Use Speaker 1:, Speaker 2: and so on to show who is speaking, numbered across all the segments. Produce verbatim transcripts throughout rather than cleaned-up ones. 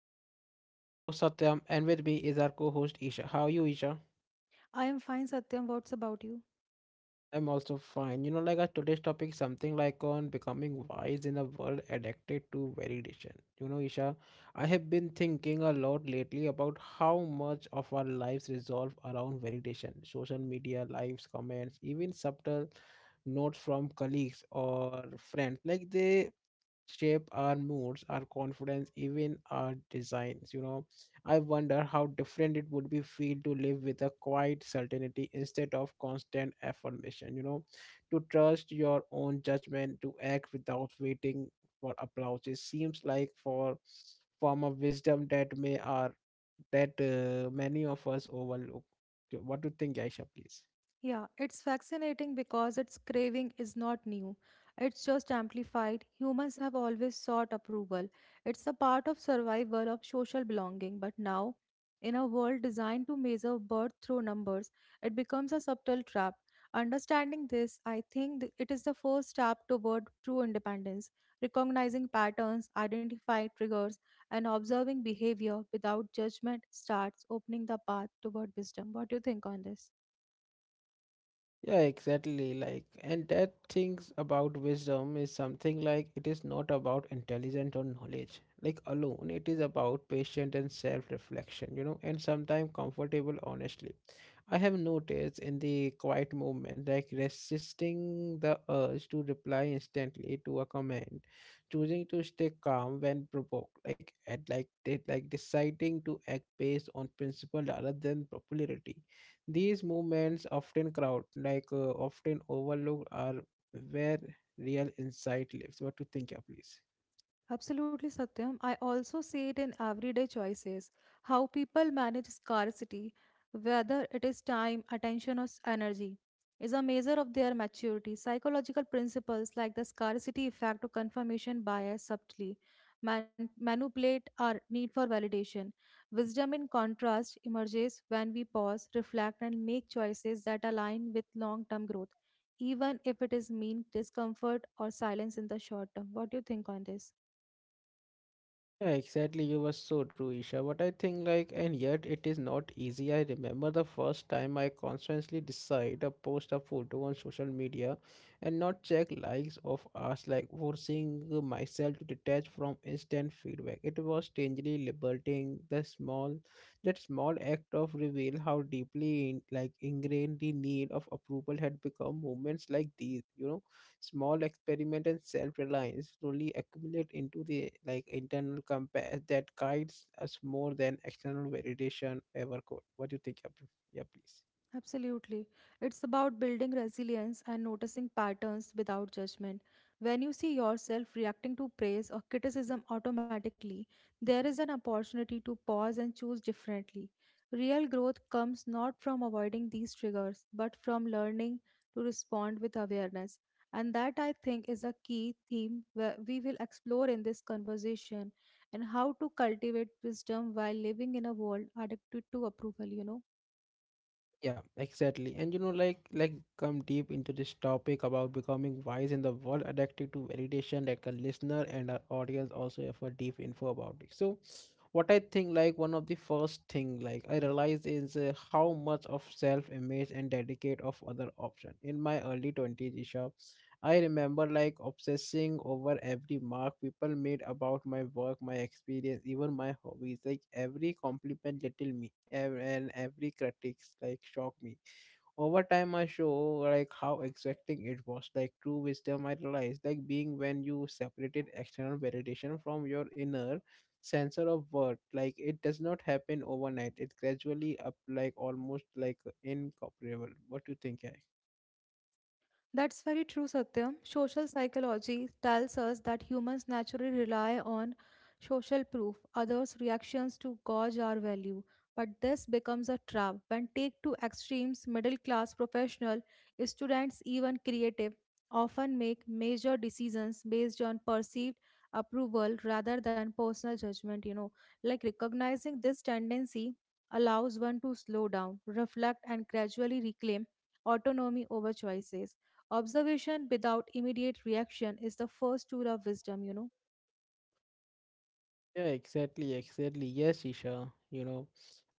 Speaker 1: everyone, I am your host Satyam and with me is our co-host Isha. How are you Isha?
Speaker 2: I am fine, Satyam. What's about you?
Speaker 1: I'm also fine. You know like our today's topic something like on becoming wise in a world addicted to validation. You know Isha, I have been thinking a lot lately about how much of our lives resolve around validation. Social media, lives, comments, even subtle notes from colleagues or friends like they shape our moods, our confidence, even our designs. You know, I wonder how different it would be feel to live with a quiet certainty instead of constant affirmation. You know, to trust your own judgment, to act without waiting for applause. It seems like for form of wisdom that may are that uh, many of us overlook. What do you think, Aisha? Please.
Speaker 2: Yeah, it's fascinating because its craving is not new. It's just amplified. Humans have always sought approval. It's a part of survival of social belonging. But now, in a world designed to measure birth through numbers, it becomes a subtle trap. Understanding this, I think th- it is the first step toward true independence, recognizing patterns, identifying triggers, and observing behavior without judgment starts opening the path toward wisdom. What do you think on this?
Speaker 1: Yeah, exactly. Like, and that things about wisdom is something like it is not about intelligence or knowledge, like alone. It is about patient and self-reflection, you know, and sometimes comfortable honestly. I have noticed in the quiet movement, like resisting the urge to reply instantly to a comment, choosing to stay calm when provoked, like at like de- like deciding to act based on principle rather than popularity. These movements often crowd, like uh, often overlooked, are where real insight lives. What to think, yeah, please?
Speaker 2: Absolutely, Satyam. I also see it in everyday choices, how people manage scarcity, whether it is time, attention, or s- energy, is a measure of their maturity. Psychological principles like the scarcity effect or confirmation bias subtly man- manipulate our need for validation. Wisdom, in contrast, emerges when we pause, reflect, and make choices that align with long term growth, even if it is mean discomfort or silence in the short term. What do you think on this?
Speaker 1: Yeah, exactly. You were so true, Isha. But I think, like, and yet it is not easy. I remember the first time I consciously decide to post a photo on social media and not check likes of us, like forcing myself to detach from instant feedback. It was strangely liberating. The small, that small act of reveal how deeply, in, like, ingrained the need of approval had become. Moments like these, you know. Small experiment and self-reliance slowly accumulate into the like internal compass that guides us more than external validation ever could. What do you think? Abdul? Yeah, please.
Speaker 2: Absolutely. It's about building resilience and noticing patterns without judgment. When you see yourself reacting to praise or criticism automatically, there is an opportunity to pause and choose differently. Real growth comes not from avoiding these triggers, but from learning to respond with awareness. And that, I think, is a key theme where we will explore in this conversation and how to cultivate wisdom while living in a world addicted to approval, you know.
Speaker 1: Yeah, exactly. And you know, like like come deep into this topic about becoming wise in the world addicted to validation, like a listener and our audience also have a deep info about it. So what I think like one of the first thing like I realized is uh, how much of self image and dedicate of other option. In my early twenties, Isha, I remember like obsessing over every mark people made about my work, my experience, even my hobbies. Like every compliment little me ev- and every critics like shocked me. Over time I show like how exacting it was. Like true wisdom I realized like being when you separated external validation from your inner sensor of worth. Like it does not happen overnight. It gradually up like almost like incorporeal. What do you think, yeah?
Speaker 2: That's very true, Satyam. Social psychology tells us that humans naturally rely on social proof, others' reactions to gauge our value. But this becomes a trap when take to extremes middle class professional, students, even creative often make major decisions based on perceived approval rather than personal judgment, you know. Like recognizing this tendency allows one to slow down, reflect and gradually reclaim autonomy over choices. Observation without immediate reaction is the first tool of wisdom, you know.
Speaker 1: Yeah, exactly, exactly. Yes, Isha. You know,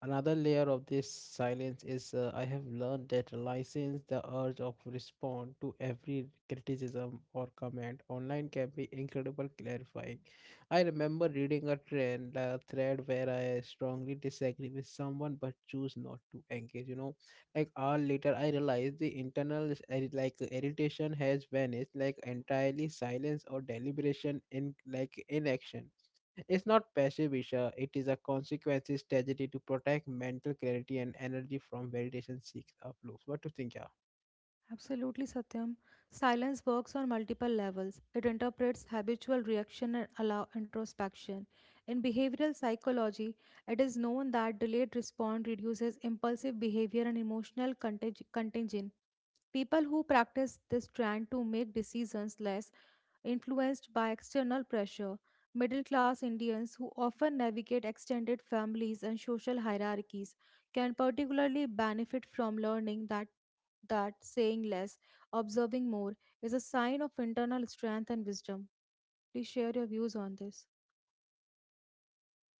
Speaker 1: another layer of this silence is uh, I have learned that license the urge of respond to every criticism or comment online can be incredible clarifying. I remember reading a trend a thread where I strongly disagree with someone but choose not to engage. You know, like hour later I realized the internal is- irri- like irritation has vanished, like entirely silence or deliberation in like inaction, it's not passive Isha, it is a consequence strategy to protect mental clarity and energy from validation seeks of loops. What do you think, yeah?
Speaker 2: Absolutely, Satyam. Silence works on multiple levels. It interprets habitual reaction and allow introspection. In behavioral psychology, it is known that delayed response reduces impulsive behavior and emotional contag- contagion. People who practice this trend to make decisions less influenced by external pressure. Middle class Indians who often navigate extended families and social hierarchies can particularly benefit from learning that that saying less, observing more is a sign of internal strength and wisdom. Please share your views on this.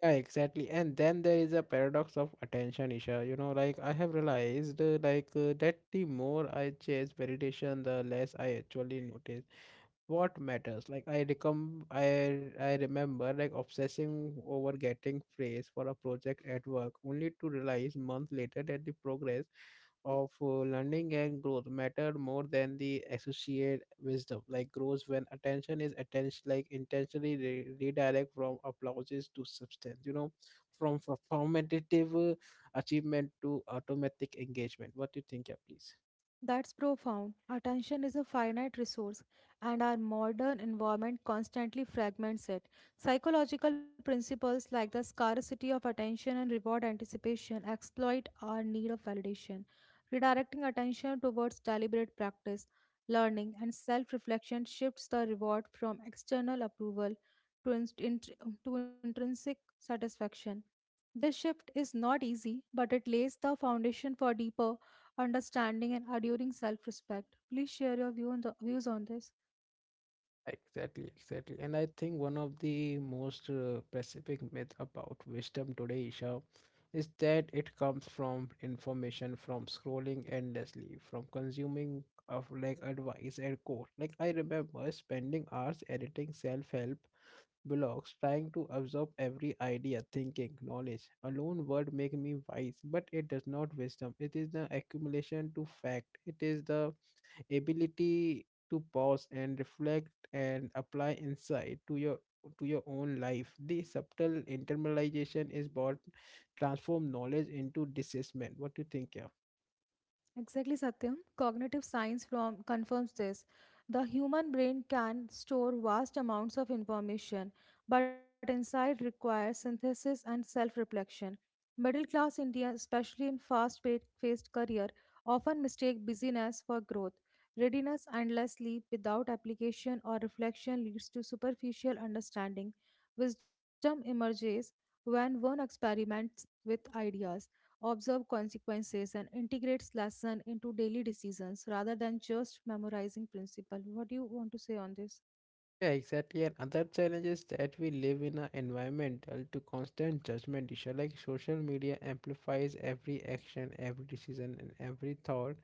Speaker 1: Yeah, exactly. And then there is a paradox of attention, Isha. You know, like I have realized, uh, like uh, that the more I chase validation, the less I actually notice what matters. Like I recom, I I remember like obsessing over getting praise for a project at work, only to realize month later that the progress of uh, learning and growth mattered more than the associate wisdom like grows when attention is attention like intentionally re- redirect from applauses to substance, you know from performative uh, achievement to automatic engagement. What do you think, yeah, please?
Speaker 2: That's profound. Attention is a finite resource, and our modern environment constantly fragments it. Psychological principles like the scarcity of attention and reward anticipation exploit our need of validation. Redirecting attention towards deliberate practice, learning, and self reflection shifts the reward from external approval to, inst- int- to intrinsic satisfaction. This shift is not easy, but it lays the foundation for deeper understanding and enduring self-respect. Please share your view on the, views on this.
Speaker 1: Exactly, exactly. And I think one of the most uh, specific myth about wisdom today, Isha, is that it comes from information, from scrolling endlessly, from consuming of like advice and quote. Like I remember spending hours editing self-help blogs, trying to absorb every idea, thinking, knowledge. Alone word make me wise, but it does not wisdom. It is the accumulation to fact. It is the ability to pause and reflect and apply insight to your to your own life. The subtle internalization is what transform knowledge into discernment. What do you think, yeah?
Speaker 2: Exactly, Satyam. Cognitive science from, confirms this. The human brain can store vast amounts of information, but insight requires synthesis and self reflection. Middle class India, especially in fast paced career, often mistake busyness for growth. Readiness endlessly without application or reflection leads to superficial understanding. Wisdom emerges when one experiments with ideas, observe consequences and integrates lesson into daily decisions rather than just memorizing principle. What do you want to say on this?
Speaker 1: Yeah, exactly. And other challenge is that we live in an environmental to constant judgment issue. Like social media amplifies every action, every decision, and every thought.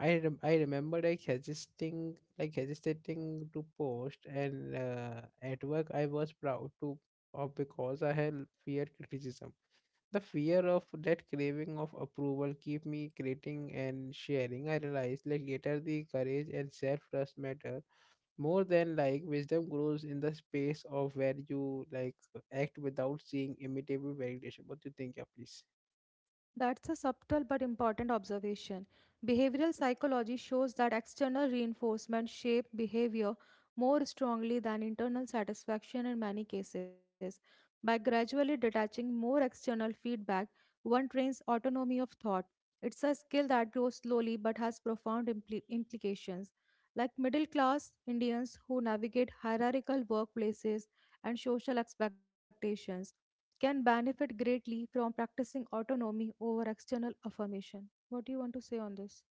Speaker 1: I rem- I remember like hesitating, like hesitating to post, and uh, at work I was proud to, of because I had fear criticism. The fear of that craving of approval keep me creating and sharing. I realized like later the courage and self trust matter more than like wisdom grows in the space of where you like act without seeing immediate validation. What do you think, yeah, please?
Speaker 2: That's a subtle but important observation. Behavioral psychology shows that external reinforcement shape behavior more strongly than internal satisfaction in many cases. By gradually detaching more external feedback, one trains autonomy of thought. It's a skill that grows slowly but has profound impli- implications. Like middle class Indians who navigate hierarchical workplaces and social expectations can benefit greatly from practicing autonomy over external affirmation. What do you want to say on this?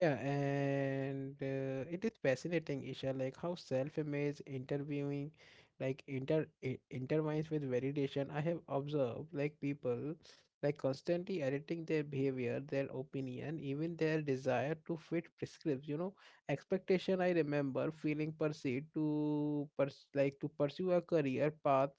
Speaker 1: Yeah, and uh, It is fascinating, Isha, like how self-image interviewing, like inter i- intertwines with validation. I have observed like people like constantly editing their behavior, their opinion, even their desire to fit prescripts, you know, expectation. I remember feeling pursued to pers- like to pursue a career path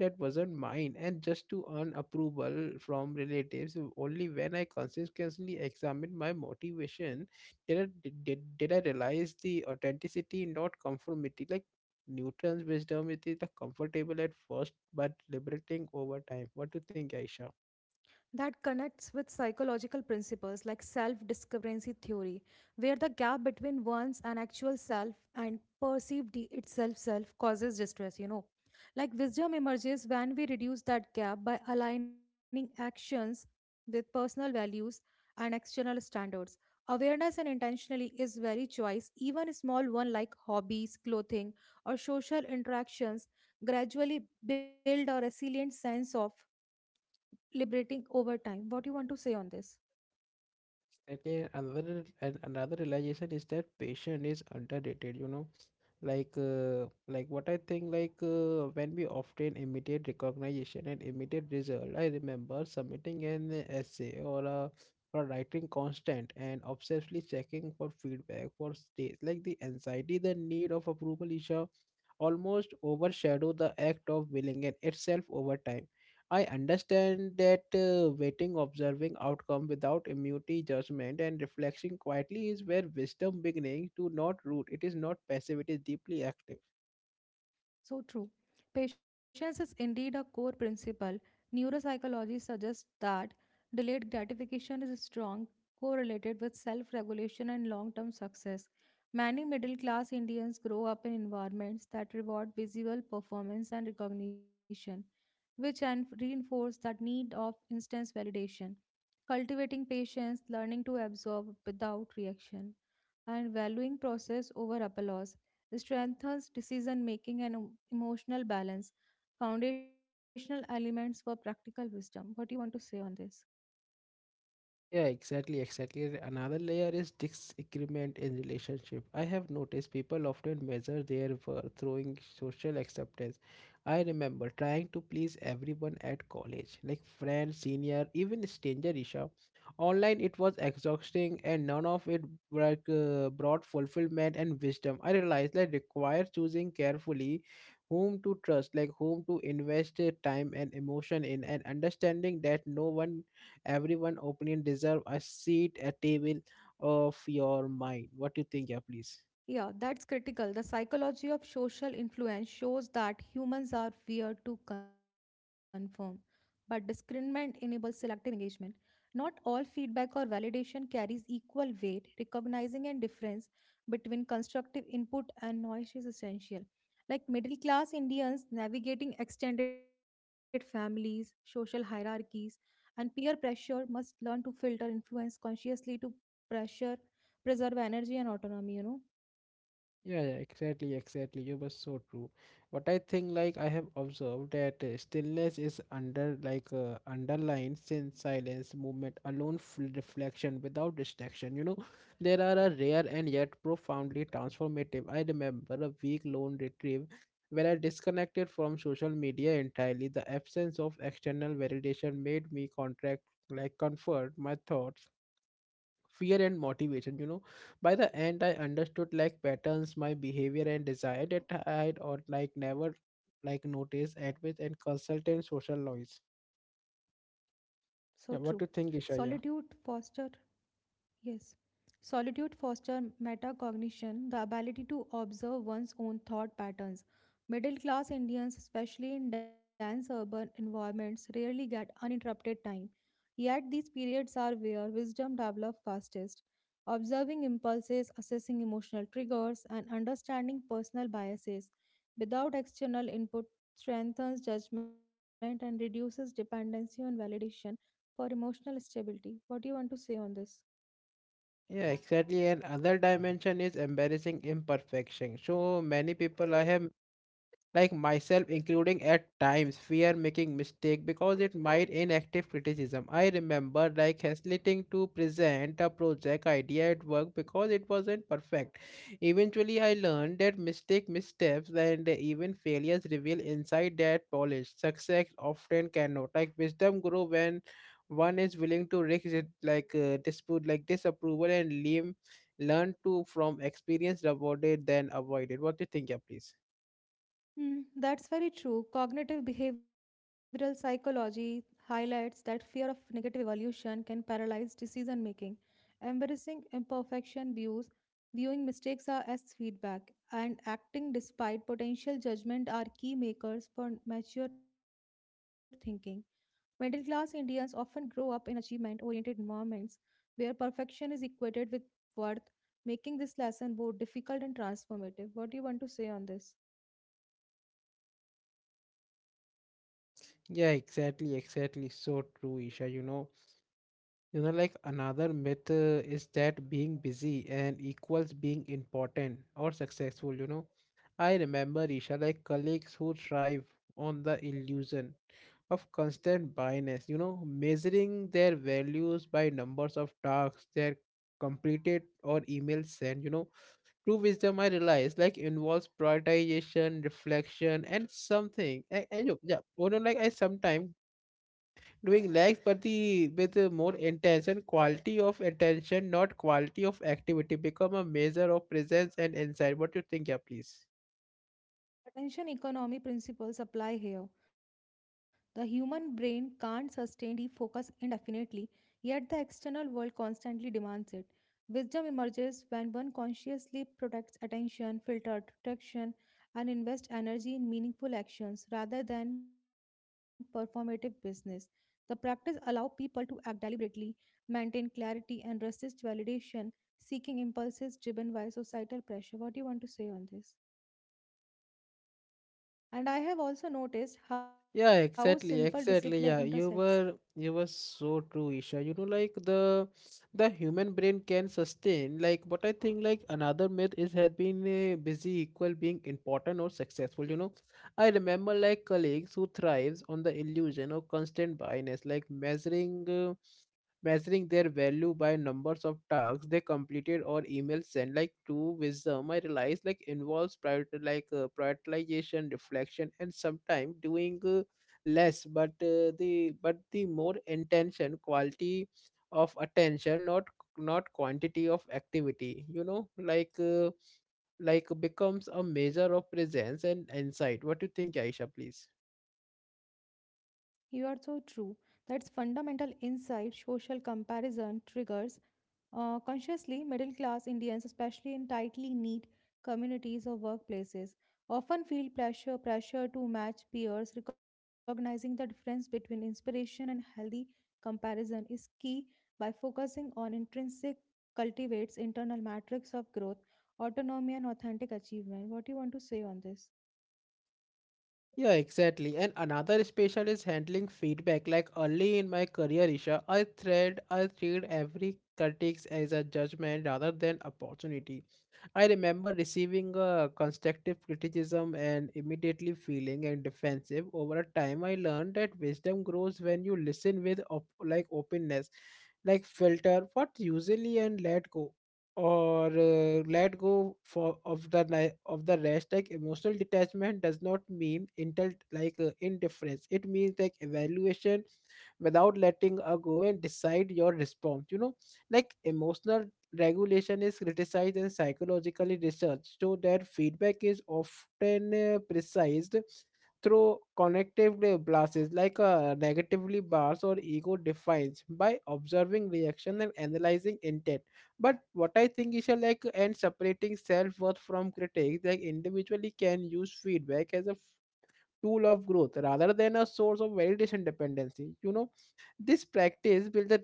Speaker 1: that wasn't mine, and just to earn approval from relatives. Only when I consistently examined my motivation did I, did, did did I realize the authenticity, not conformity? Like Newton's wisdom, it is the comfortable at first, but liberating over time. What do you think, Aisha?
Speaker 2: That connects with psychological principles like self discrepancy theory, where the gap between one's and actual self and perceived I- itself self causes distress, you know. Like wisdom emerges when we reduce that gap by aligning actions with personal values and external standards. Awareness and intentionally is very choice, even small one like hobbies, clothing, or social interactions gradually build a resilient sense of liberating over time. What do you want to say on this?
Speaker 1: Second, another and another realization is that patience is underrated. You know, like uh, like what I think, like uh, when we often imitate recognition and imitate result. I remember submitting an essay or a or writing constant and obsessively checking for feedback for states. Like the anxiety, the need of approval, Isha, almost overshadow the act of willing and itself. Over time I understand that uh, waiting, observing outcome without immunity, judgment, and reflection quietly is where wisdom beginning to not root. It is not passive, it is deeply active.
Speaker 2: So true. Patience is indeed a core principle. Neuropsychology suggests that delayed gratification is strong correlated with self-regulation and long-term success. Many middle-class Indians grow up in environments that reward visual performance and recognition, which en- reinforce that need of instant validation. Cultivating patience, learning to absorb without reaction, and valuing process over applause strengthens decision making and em- emotional balance, foundational elements for practical wisdom. What do you want to say on this?
Speaker 1: Yeah, exactly, exactly. Another layer is disagreement in relationship. I have noticed people often measure their worth through social acceptance. I remember trying to please everyone at college, like friends, senior, even stranger Isha. Online it was exhausting and none of it like, uh, brought fulfillment and wisdom. I realized that require choosing carefully whom to trust, like whom to invest uh, time and emotion in, and understanding that no one everyone opinion deserve a seat at table of your mind. What do you think, yeah, please?
Speaker 2: Yeah, that's critical. The psychology of social influence shows that humans are weird to conform, but discernment enables selective engagement. Not all feedback or validation carries equal weight. Recognizing and difference between constructive input and noise is essential. Like middle class Indians navigating extended families, social hierarchies, and peer pressure must learn to filter influence consciously to pressure, preserve energy and autonomy, you know.
Speaker 1: Yeah, yeah, exactly, exactly. You were so true. But I think like I have observed that uh, stillness is under like uh, underlined since silence, movement, alone f- reflection without distraction. You know, there are a rare and yet profoundly transformative. I remember a week long retrieve where I disconnected from social media entirely. The absence of external validation made me contract like comfort my thoughts, fear and motivation. You know, by the end I understood like patterns my behavior and desire that I had or like never like noticed admit and consultant social noise.
Speaker 2: So true.
Speaker 1: Yeah, what do you think Isha,
Speaker 2: Solitude
Speaker 1: yeah?
Speaker 2: foster, yes. Solitude foster metacognition, the ability to observe one's own thought patterns. Middle class Indians, especially in dense urban environments, rarely get uninterrupted time. Yet these periods are where wisdom develops fastest. Observing impulses, assessing emotional triggers, and understanding personal biases without external input strengthens judgment and reduces dependency on validation for emotional stability. What do you want to say on this?
Speaker 1: Yeah, exactly. And other dimension is embarrassing imperfection. So many people I have like myself including at times fear making mistake because it might inactive criticism. I remember like hesitating to present a project idea at work because it wasn't perfect. Eventually I learned that mistake missteps and even failures reveal inside that polish success often cannot. Like wisdom grow when one is willing to risk it, like uh, dispute like disapproval and lean, learn to from experience rather than avoid it. What do you think, yeah, please?
Speaker 2: Hmm, that's very true. Cognitive behavioral psychology highlights that fear of negative evolution can paralyze decision making. Embracing imperfection views, viewing mistakes are as feedback, and acting despite potential judgment are key makers for mature thinking. Middle class Indians often grow up in achievement oriented environments where perfection is equated with worth, making this lesson both difficult and transformative. What do you want to say on this?
Speaker 1: Yeah, exactly, exactly. So true, Isha. You know, you know, like another myth uh, is that being busy and equals being important or successful, you know. I remember, Isha, like colleagues who thrive on the illusion of constant bias, you know, measuring their values by numbers of tasks they're completed or emails sent, you know. True wisdom, I realize, like involves prioritization, reflection, and something. And, and you- yeah, you know, like I sometimes doing legs but the with a more intention quality of attention not quality of activity become a measure of presence and insight. What you think, yeah, please?
Speaker 2: Attention economy principles apply here. The human brain can't sustain deep focus indefinitely, yet the external world constantly demands it. Wisdom emerges when one consciously protects attention, filter distraction, and invests energy in meaningful actions rather than performative business. The practice allows people to act deliberately, maintain clarity, and resist validation, seeking impulses driven by societal pressure. What do you want to say on this? And I have also noticed how
Speaker 1: Yeah,
Speaker 2: simple discipline
Speaker 1: exactly, exactly.
Speaker 2: intersects.
Speaker 1: Yeah, you were you were so true, Isha. You know, like the the human brain can sustain like what I think like another myth is has been uh, busy equal being important or successful. You know, I remember like colleagues who thrives on the illusion of constant busyness, like measuring. Uh, measuring their value by numbers of tasks they completed or emails sent like to wisdom i realized like involves prior like uh, prioritization reflection and sometimes doing uh, less but uh, the but the more intention quality of attention not not quantity of activity you know like uh, like becomes a measure of presence and insight. What do you think, aisha, please?
Speaker 2: You are so true. That's fundamental insight social comparison triggers. Uh, consciously, middle class Indians, especially in tightly knit communities or workplaces, often feel pressure, pressure to match peers. Recognizing the difference between inspiration and healthy comparison is key by focusing on intrinsic cultivates internal matrix of growth, autonomy, and authentic achievement. What do you want to say on this?
Speaker 1: Yeah, exactly. And another special is handling feedback. Like early in my career, Isha, I thread I treat every critics as a judgment rather than opportunity. I remember receiving a constructive criticism and immediately feeling and defensive. Over a time, I learned that wisdom grows when you listen with op- like openness, like filter what usually and let go or uh, let go for of the ni- of the rest. Like emotional detachment does not mean intel like uh, indifference, it means like evaluation without letting a go and decide your response. You know, like emotional regulation is criticized and psychologically researched, so that feedback is often uh, precised through connectively blasts, like uh, negatively bars or ego defines by observing reaction and analyzing intent. But what I think is uh, like and separating self worth from critics, like individually can use feedback as a f- tool of growth rather than a source of validation dependency. You know, this practice build the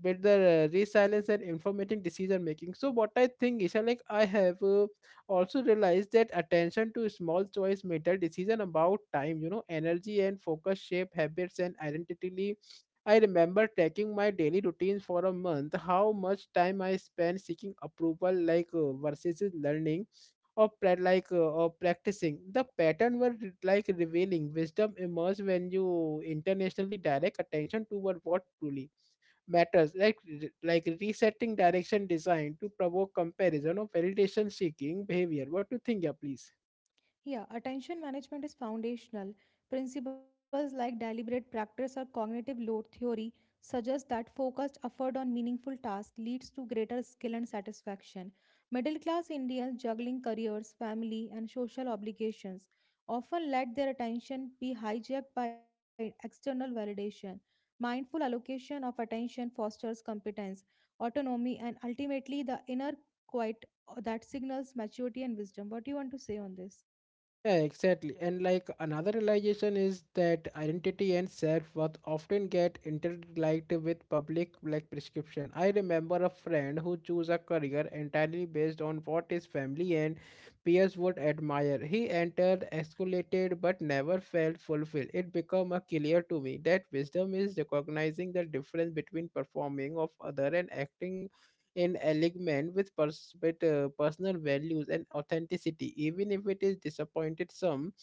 Speaker 1: build the uh, resilience and informative decision making. So what I think is uh, like I have uh, also realized that attention to small choice matter. Decision about time, you know, energy and focus shape habits and identity. I remember tracking my daily routines for a month, how much time I spent seeking approval like uh, versus learning or pra- like uh, or practicing. The pattern were re- like revealing. Wisdom emerge when you internationally direct attention toward what truly matters, like re- like resetting direction design to provoke comparison or validation seeking behavior. What do you think, yeah, please?
Speaker 2: Yeah, attention management is foundational. Principles like deliberate practice or cognitive load theory suggest that focused effort on meaningful tasks leads to greater skill and satisfaction. Middle class Indians juggling careers, family, and social obligations often let their attention be hijacked by external validation. Mindful allocation of attention fosters competence, autonomy, and ultimately the inner quiet uh, that signals maturity and wisdom. What do you want to say on this?
Speaker 1: Yeah, exactly. And like another realization is that identity and self-worth often get interlinked with public like prescription. I remember a friend who chose a career entirely based on what his family and peers would admire. He entered, escalated, but never felt fulfilled. It became a clear to me that wisdom is recognizing the difference between performing of other and acting in alignment with pers- with, uh, personal values and authenticity, even if it is disappointed some.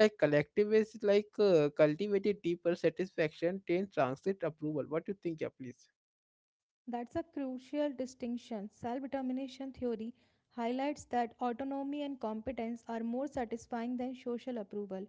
Speaker 1: Like collectivists, like uh, cultivated deeper satisfaction than transit approval. What do you think, yeah, please?
Speaker 2: That's a crucial distinction. Self determination theory highlights that autonomy and competence are more satisfying than social approval.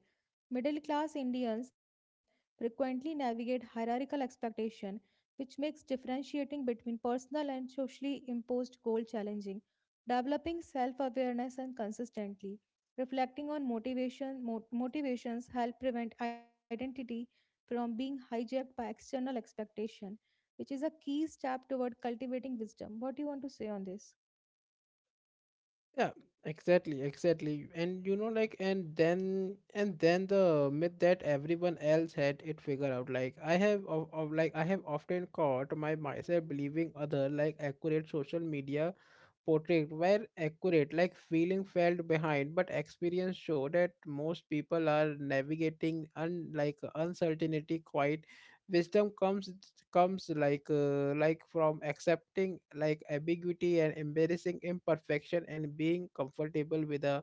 Speaker 2: Middle class Indians frequently navigate hierarchical expectation, which makes differentiating between personal and socially imposed goals challenging. Developing self awareness and consistently reflecting on motivation, mo- motivations help prevent identity from being hijacked by external expectation, which is a key step toward cultivating wisdom. What do you want to say on this?
Speaker 1: Yeah, exactly, exactly. And you know, like, and then, and then the myth that everyone else had it figured out. Like, I have, of, of like, I have often caught my myself believing other like accurate social media portrayed were accurate, like feeling felt behind, but experience showed that most people are navigating un- like uncertainty quite. Wisdom comes comes like uh, like from accepting like ambiguity and embarrassing imperfection, and being comfortable with the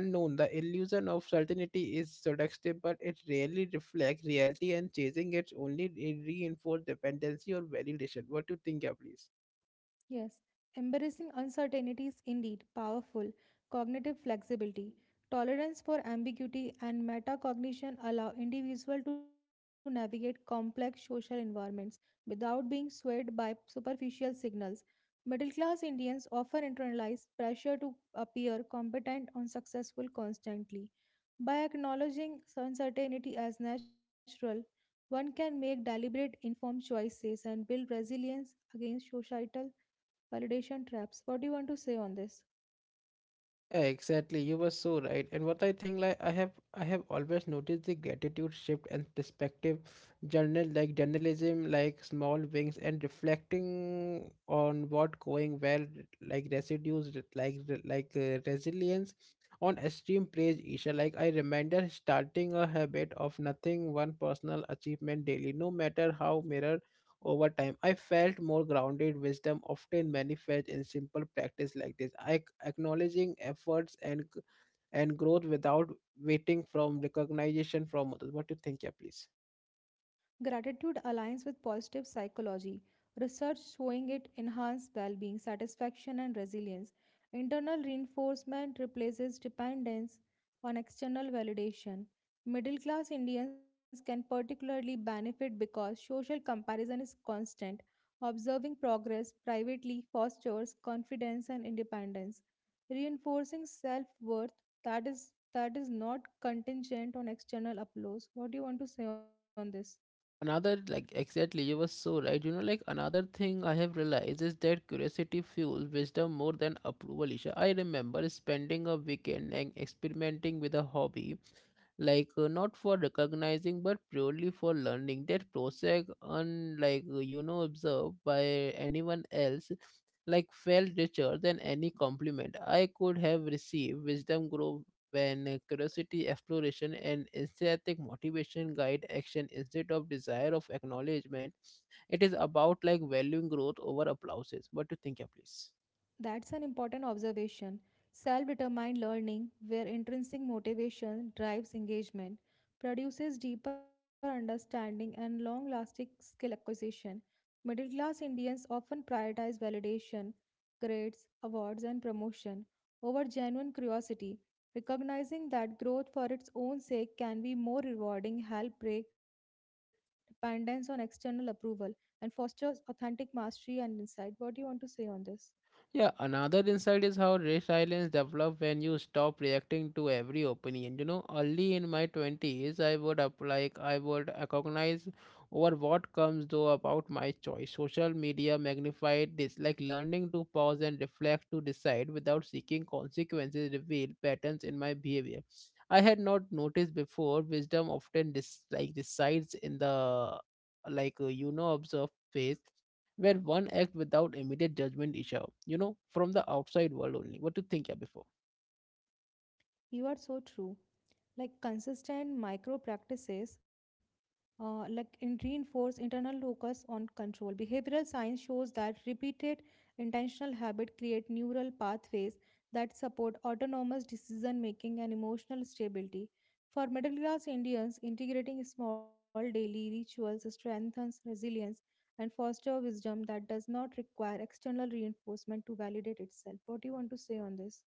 Speaker 1: unknown. The illusion of certainty is seductive, but it rarely reflects reality, and chasing it only re- reinforce dependency or validation. What do you think, yeah, please?
Speaker 2: Yes, embracing uncertainty is indeed powerful. Cognitive flexibility, tolerance for ambiguity, and metacognition allow individuals to navigate complex social environments without being swayed by superficial signals. Middle class Indians often internalize pressure to appear competent or successful constantly. By acknowledging uncertainty as natural, one can make deliberate, informed choices and build resilience against societal validation traps. What do you want to say on this?
Speaker 1: Yeah, exactly. You were so right. And what I think, like I have, I have always noticed the gratitude shift and perspective. Journal, like journalism, like small wings and reflecting on what going well, like residues, like like uh, resilience on extreme praise. Isha, like I remember starting a habit of nothing one personal achievement daily, no matter how minor. Over time, I felt more grounded. Wisdom often manifests in simple practice like this. I acknowledging efforts and g- and growth without waiting from recognition from others. What do you think, yeah, please?
Speaker 2: Gratitude aligns with positive psychology. Research showing it enhances well being, satisfaction, and resilience. Internal reinforcement replaces dependence on external validation. Middle class Indians can particularly benefit because social comparison is constant. Observing progress privately fosters confidence and independence, reinforcing self worth that is, that is not contingent on external applause. What do you want to say on this?
Speaker 1: Another, like, exactly, you were so right. You know, like, another thing I have realized is that curiosity fuels wisdom more than approval, Isha. I remember spending a weekend and experimenting with a hobby, like uh, not for recognizing but purely for learning. That process, unlike uh, you know, observed by anyone else, like felt richer than any compliment i could have received. Wisdom grow when uh, curiosity, exploration and aesthetic motivation guide action instead of desire of acknowledgement. It is about like valuing growth over applauses. What do you think, yeah, please?
Speaker 2: That's an important observation. Self determined learning, where intrinsic motivation drives engagement, produces deeper understanding and long lasting skill acquisition. Middle class Indians often prioritize validation, grades, awards, and promotion over genuine curiosity, recognizing that growth for its own sake can be more rewarding, help break dependence on external approval, and fosters authentic mastery and insight. What do you want to say on this?
Speaker 1: Yeah, another insight is how resilience develops when you stop reacting to every opinion. You know, early in my twenties, I would apply, I would recognize over what comes though about my choice. Social media magnified this, like learning to pause and reflect to decide without seeking consequences, revealed patterns in my behavior I had not noticed before. Wisdom often dis- like decides in the like uh, you know observe phase where one acts without immediate judgment, Isha, you know, from the outside world only. What do you think, yeah, before?
Speaker 2: You are so true. Like consistent micro practices, uh, like in reinforce internal focus on control. Behavioral science shows that repeated intentional habit create neural pathways that support autonomous decision making and emotional stability. For middle class Indians, integrating small daily rituals strengthens resilience and foster wisdom that does not require external reinforcement to validate itself. What do you want to say on this?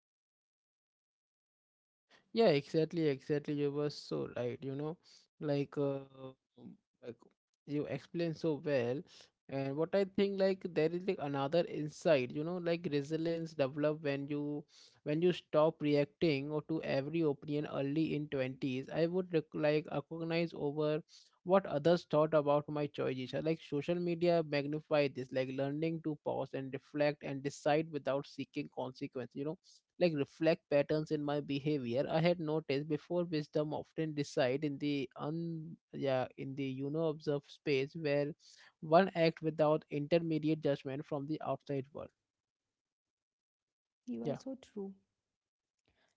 Speaker 1: Yeah, exactly, exactly. You were so right, you know, like uh, like you explained so well. And what I think, like there is like another insight, you know, like resilience develop when you when you stop reacting or to every opinion early in twenties. I would rec- like recognize over what others thought about my choices. Uh, Like social media magnify this, like learning to pause and reflect and decide without seeking consequence, you know, like reflect patterns in my behavior I had noticed before. Wisdom often reside in the un yeah in the you know observed space where one act without intermediate judgment from the outside world.
Speaker 2: You are
Speaker 1: Yeah.
Speaker 2: so true.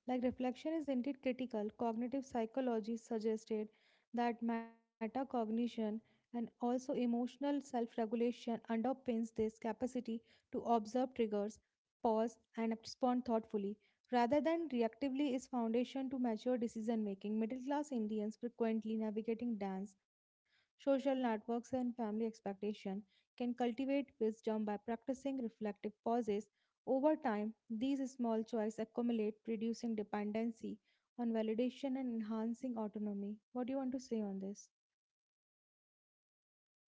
Speaker 2: Like reflection is indeed critical, cognitive psychology suggested that metacognition and also emotional self regulation underpins this capacity to observe triggers, pause, and respond thoughtfully. Rather than reactively, is foundation to mature decision making. Middle class Indians frequently navigating dance, social networks, and family expectation can cultivate wisdom by practicing reflective pauses over time, these small choices accumulate, reducing dependency on validation and enhancing autonomy. What do you want to say on this?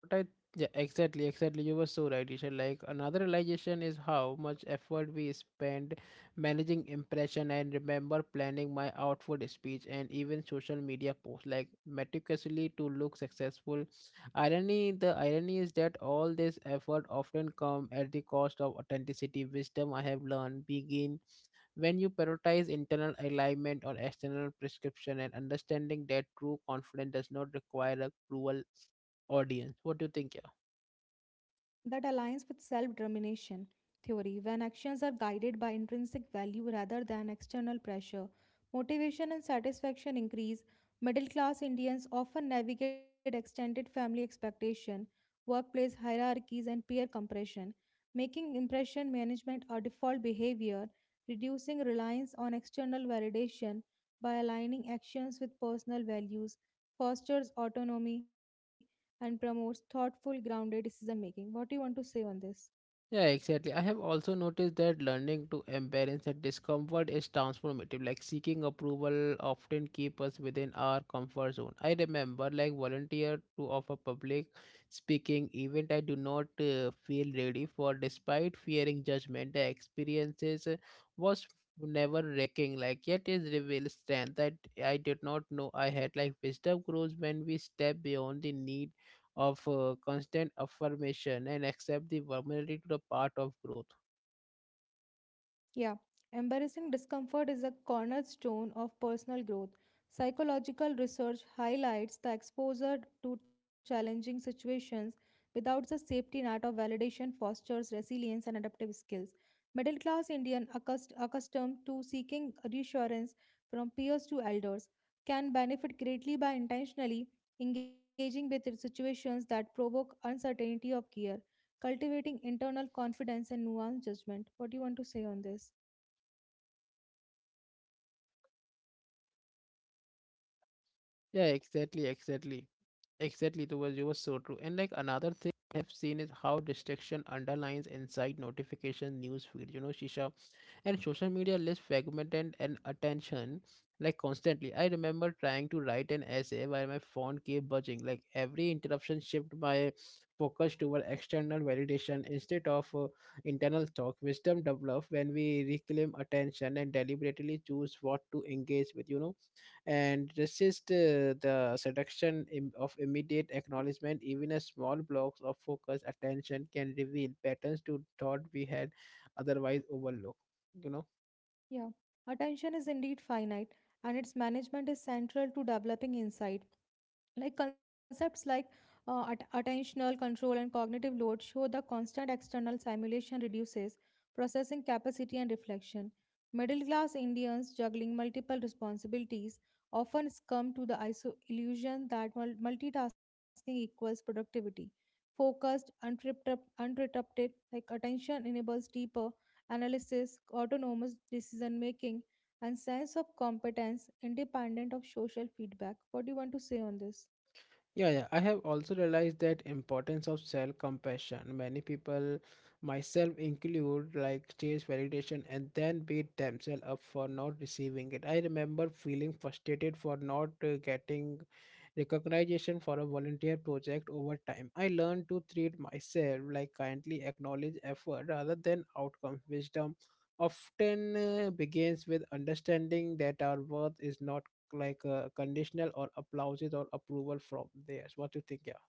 Speaker 1: But I, yeah, exactly, exactly. You were so right, Isha. Like another realization is how much effort we spend managing impression and remember planning my outward speech and even social media posts, like meticulously to look successful. Irony, the irony is that all this effort often come at the cost of authenticity. Wisdom, I have learned, begin when you prioritize internal alignment or external prescription, and understanding that true confidence does not require a cruel audience. What do you think, yeah?
Speaker 2: That aligns with self determination theory. When actions are guided by intrinsic value rather than external pressure, motivation and satisfaction increase. Middle class Indians often navigate extended family expectation, workplace hierarchies, and peer compression, making impression management a default behavior, reducing reliance on external validation by aligning actions with personal values, fosters autonomy and promotes thoughtful, grounded decision making. What do you want to say on this?
Speaker 1: Yeah, exactly. I have also noticed that learning to embrace that discomfort is transformative. Like seeking approval often keep us within our comfort zone. I remember like volunteer to offer public speaking event I do not uh, feel ready for, despite fearing judgment. The experiences uh, was never wrecking. Like yet is revealed strength that I did not know I had. Like wisdom grows when we step beyond the need of uh, constant affirmation and accept the vulnerability to the part of growth.
Speaker 2: Yeah, embarrassing discomfort is a cornerstone of personal growth. Psychological research highlights the exposure to challenging situations without the safety net of validation fosters resilience and adaptive skills. Middle class Indian accust- accustomed to seeking reassurance from peers to elders can benefit greatly by intentionally engaging with situations that provoke uncertainty of care cultivating internal confidence and nuanced judgment. What do you want to say on this?
Speaker 1: Yeah, exactly, exactly. Exactly, the was you were so true. And like another thing I have seen is how distraction underlines inside notification news feed. You know, Shisha, and social media less fragmented and attention like constantly. I remember trying to write an essay while my phone kept buzzing. Like every interruption shift my focus toward external validation instead of uh, internal thought. Wisdom develops when we reclaim attention and deliberately choose what to engage with. You know, and resist uh, the seduction im- of immediate acknowledgement. Even a small blocks of focused attention can reveal patterns to thought we had otherwise overlooked. You know.
Speaker 2: Yeah, attention is indeed finite and its management is central to developing insight. Like concepts like uh, at- attentional control and cognitive load show the constant external stimulation reduces processing capacity and reflection. Middle class Indians juggling multiple responsibilities often succumb to the iso- illusion that mul- multitasking equals productivity. Focused uninterrupt- uninterrupted like attention enables deeper analysis, autonomous decision making, and sense of competence independent of social feedback. What do you want to say on this?
Speaker 1: Yeah, yeah. I have also realized that importance of self-compassion. Many people, myself include, like chase validation and then beat themselves up for not receiving it. I remember feeling frustrated for not uh, getting recognition for a volunteer project. Over time, I learned to treat myself like kindly acknowledge effort rather than outcome. Wisdom often uh, begins with understanding that our worth is not like uh, conditional or applauses or approval from theirs. What do you think? Yeah.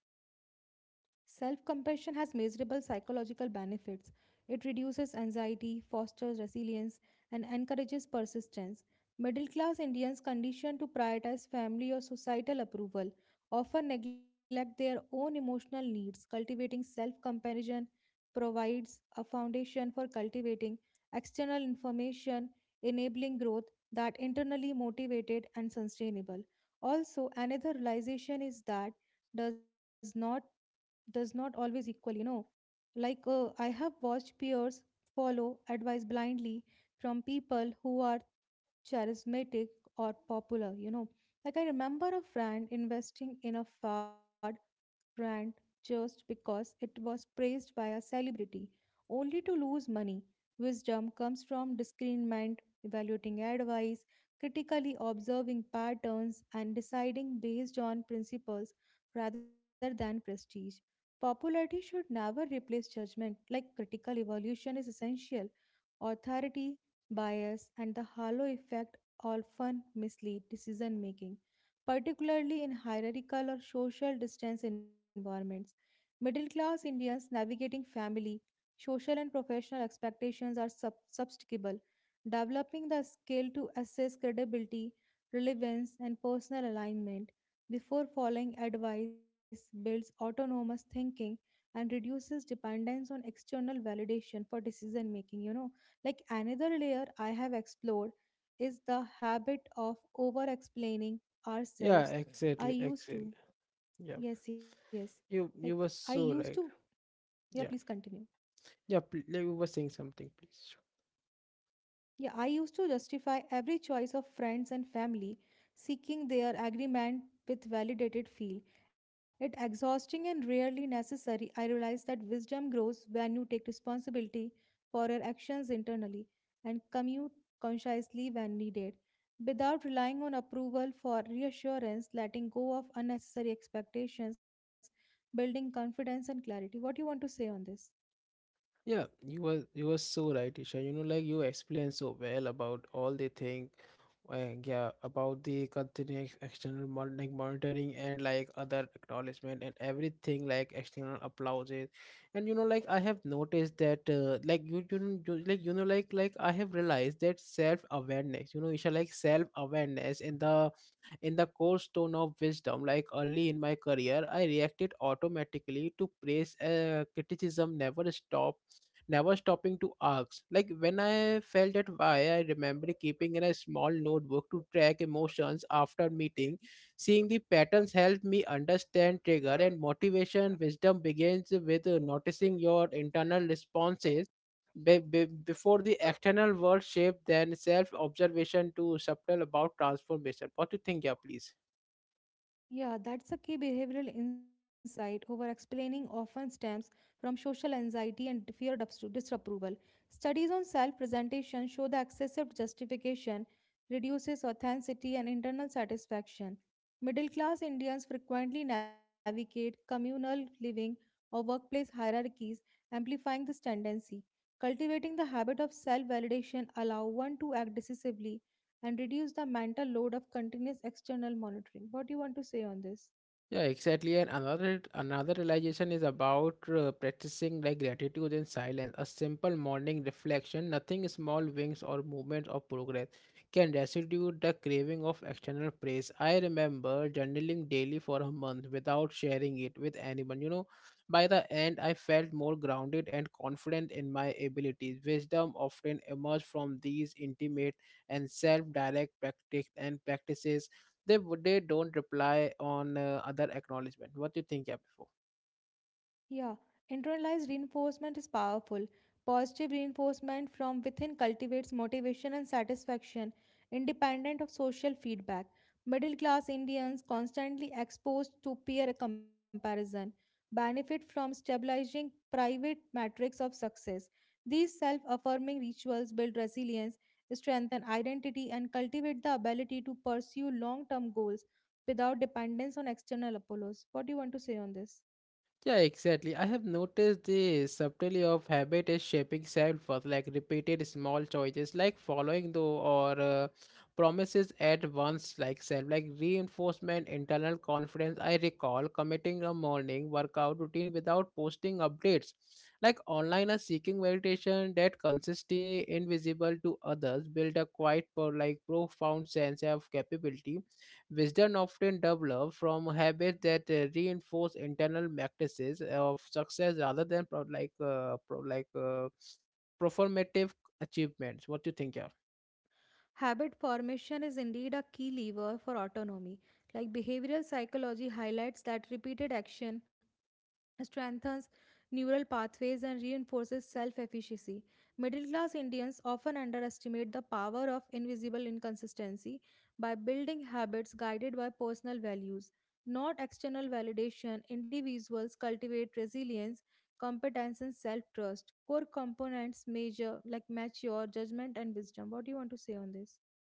Speaker 2: Self compassion has measurable psychological benefits. It reduces anxiety, fosters resilience, and encourages persistence. Middle class Indians, conditioned to prioritize family or societal approval, often neglect their own emotional needs. Cultivating self compassion provides a foundation for cultivating external information, enabling growth that internally motivated and sustainable. Also, another realization is that does not does not always equal, you know. Like, uh, I have watched peers follow advice blindly from people who are charismatic or popular, you know. Like, I remember a friend investing in a fad brand just because it was praised by a celebrity, only to lose money. Wisdom comes from discernment, evaluating advice, critically observing patterns, and deciding based on principles rather than prestige. Popularity should never replace judgment, like critical evaluation is essential. Authority, bias, and the halo effect often mislead decision making, particularly in hierarchical or social distance environments. Middle class Indians navigating family, social, and professional expectations are sub- substitutable, developing the skill to assess credibility, relevance, and personal alignment before following advice builds autonomous thinking and reduces dependence on external validation for decision making, you know. Like another layer I have explored is the habit of over explaining
Speaker 1: Yeah,
Speaker 2: ourselves. I
Speaker 1: exactly,
Speaker 2: used
Speaker 1: exactly.
Speaker 2: to,
Speaker 1: Yeah,
Speaker 2: yes, yes. Like
Speaker 1: you
Speaker 2: I
Speaker 1: you were
Speaker 2: used to,
Speaker 1: so right.
Speaker 2: yeah, please
Speaker 1: Yeah,
Speaker 2: continue.
Speaker 1: yeah. pl- like, You were saying something, please.
Speaker 2: Yeah, I used to justify every choice of friends and family, seeking their agreement with validated feel. It exhausting and rarely necessary. I realized that wisdom grows when you take responsibility for your actions internally and commute consciously when needed. Without relying on approval for reassurance, letting go of unnecessary expectations, building confidence and clarity. What do you want to say on this?
Speaker 1: Yeah, you were you were so right, Isha. You know, like you explained so well about all the thing, uh, yeah, about the continuous external mon- like monitoring and like other acknowledgement and everything like external applauses, and you know, like I have noticed that, uh, like you, you, know, you like you know, like like I have realized that self awareness, you know, Isha, like self awareness in the in the cold stone of wisdom. Like early in my career, I reacted automatically to praise. Uh, criticism never stopped never stopping to ask. Like when I felt that why, I remember keeping in a small notebook to track emotions after meeting. Seeing the patterns helped me understand trigger and motivation. Wisdom begins with uh, noticing your internal responses be, be, before the external world shape, then self observation to subtle about transformation. What do you think, yeah, please?
Speaker 2: Yeah, that's a key behavioral insight. Over explaining often stems from social anxiety and the fear of dis- disapproval. Studies on self presentation show that excessive justification reduces authenticity and internal satisfaction. Middle class Indians frequently navigate communal living or workplace hierarchies, amplifying this tendency. Cultivating the habit of self validation allows one to act decisively and reduce the mental load of continuous external monitoring. What do you want to say on this?
Speaker 1: Yeah, exactly. And another another realization is about uh, practicing like gratitude in silence. A simple morning reflection, nothing small wings or movements of progress, can residue the craving of external praise. I remember journaling daily for a month without sharing it with anyone. You know, by the end, I felt more grounded and confident in my abilities. Wisdom often emerges from these intimate and self-direct practice and practices. They would they don't reply on uh, other acknowledgement. What do you think, yeah, before?
Speaker 2: Yeah, internalized reinforcement is powerful. Positive reinforcement from within cultivates motivation and satisfaction, independent of social feedback. Middle class Indians, constantly exposed to peer comparison, benefit from stabilizing private metrics of success. These self affirming rituals build resilience, strengthen identity, and cultivate the ability to pursue long term goals without dependence on external apollos. What do you want to say on this?
Speaker 1: Yeah, exactly. I have noticed the subtlety of habit is shaping self worth, like repeated small choices, like following though, or uh, promises at once, like self, like reinforcement, internal confidence. I recall committing a morning workout routine without posting updates, like online or seeking meditation that consistently invisible to others, build a quite, pro- like profound sense of capability. Wisdom often develops from habits that uh, reinforce internal practices of success rather than pro- like uh, pro- like uh, performative achievements. What do you think, yeah?
Speaker 2: Habit formation is indeed a key lever for autonomy. Like behavioral psychology highlights that repeated action strengthens neural pathways and reinforces self efficacy. Middle class Indians often underestimate the power of invisible inconsistency by building habits guided by personal values, not external validation. Individuals cultivate resilience, competence, and self trust. Core components measure like mature judgment and wisdom. What do you want to say on this?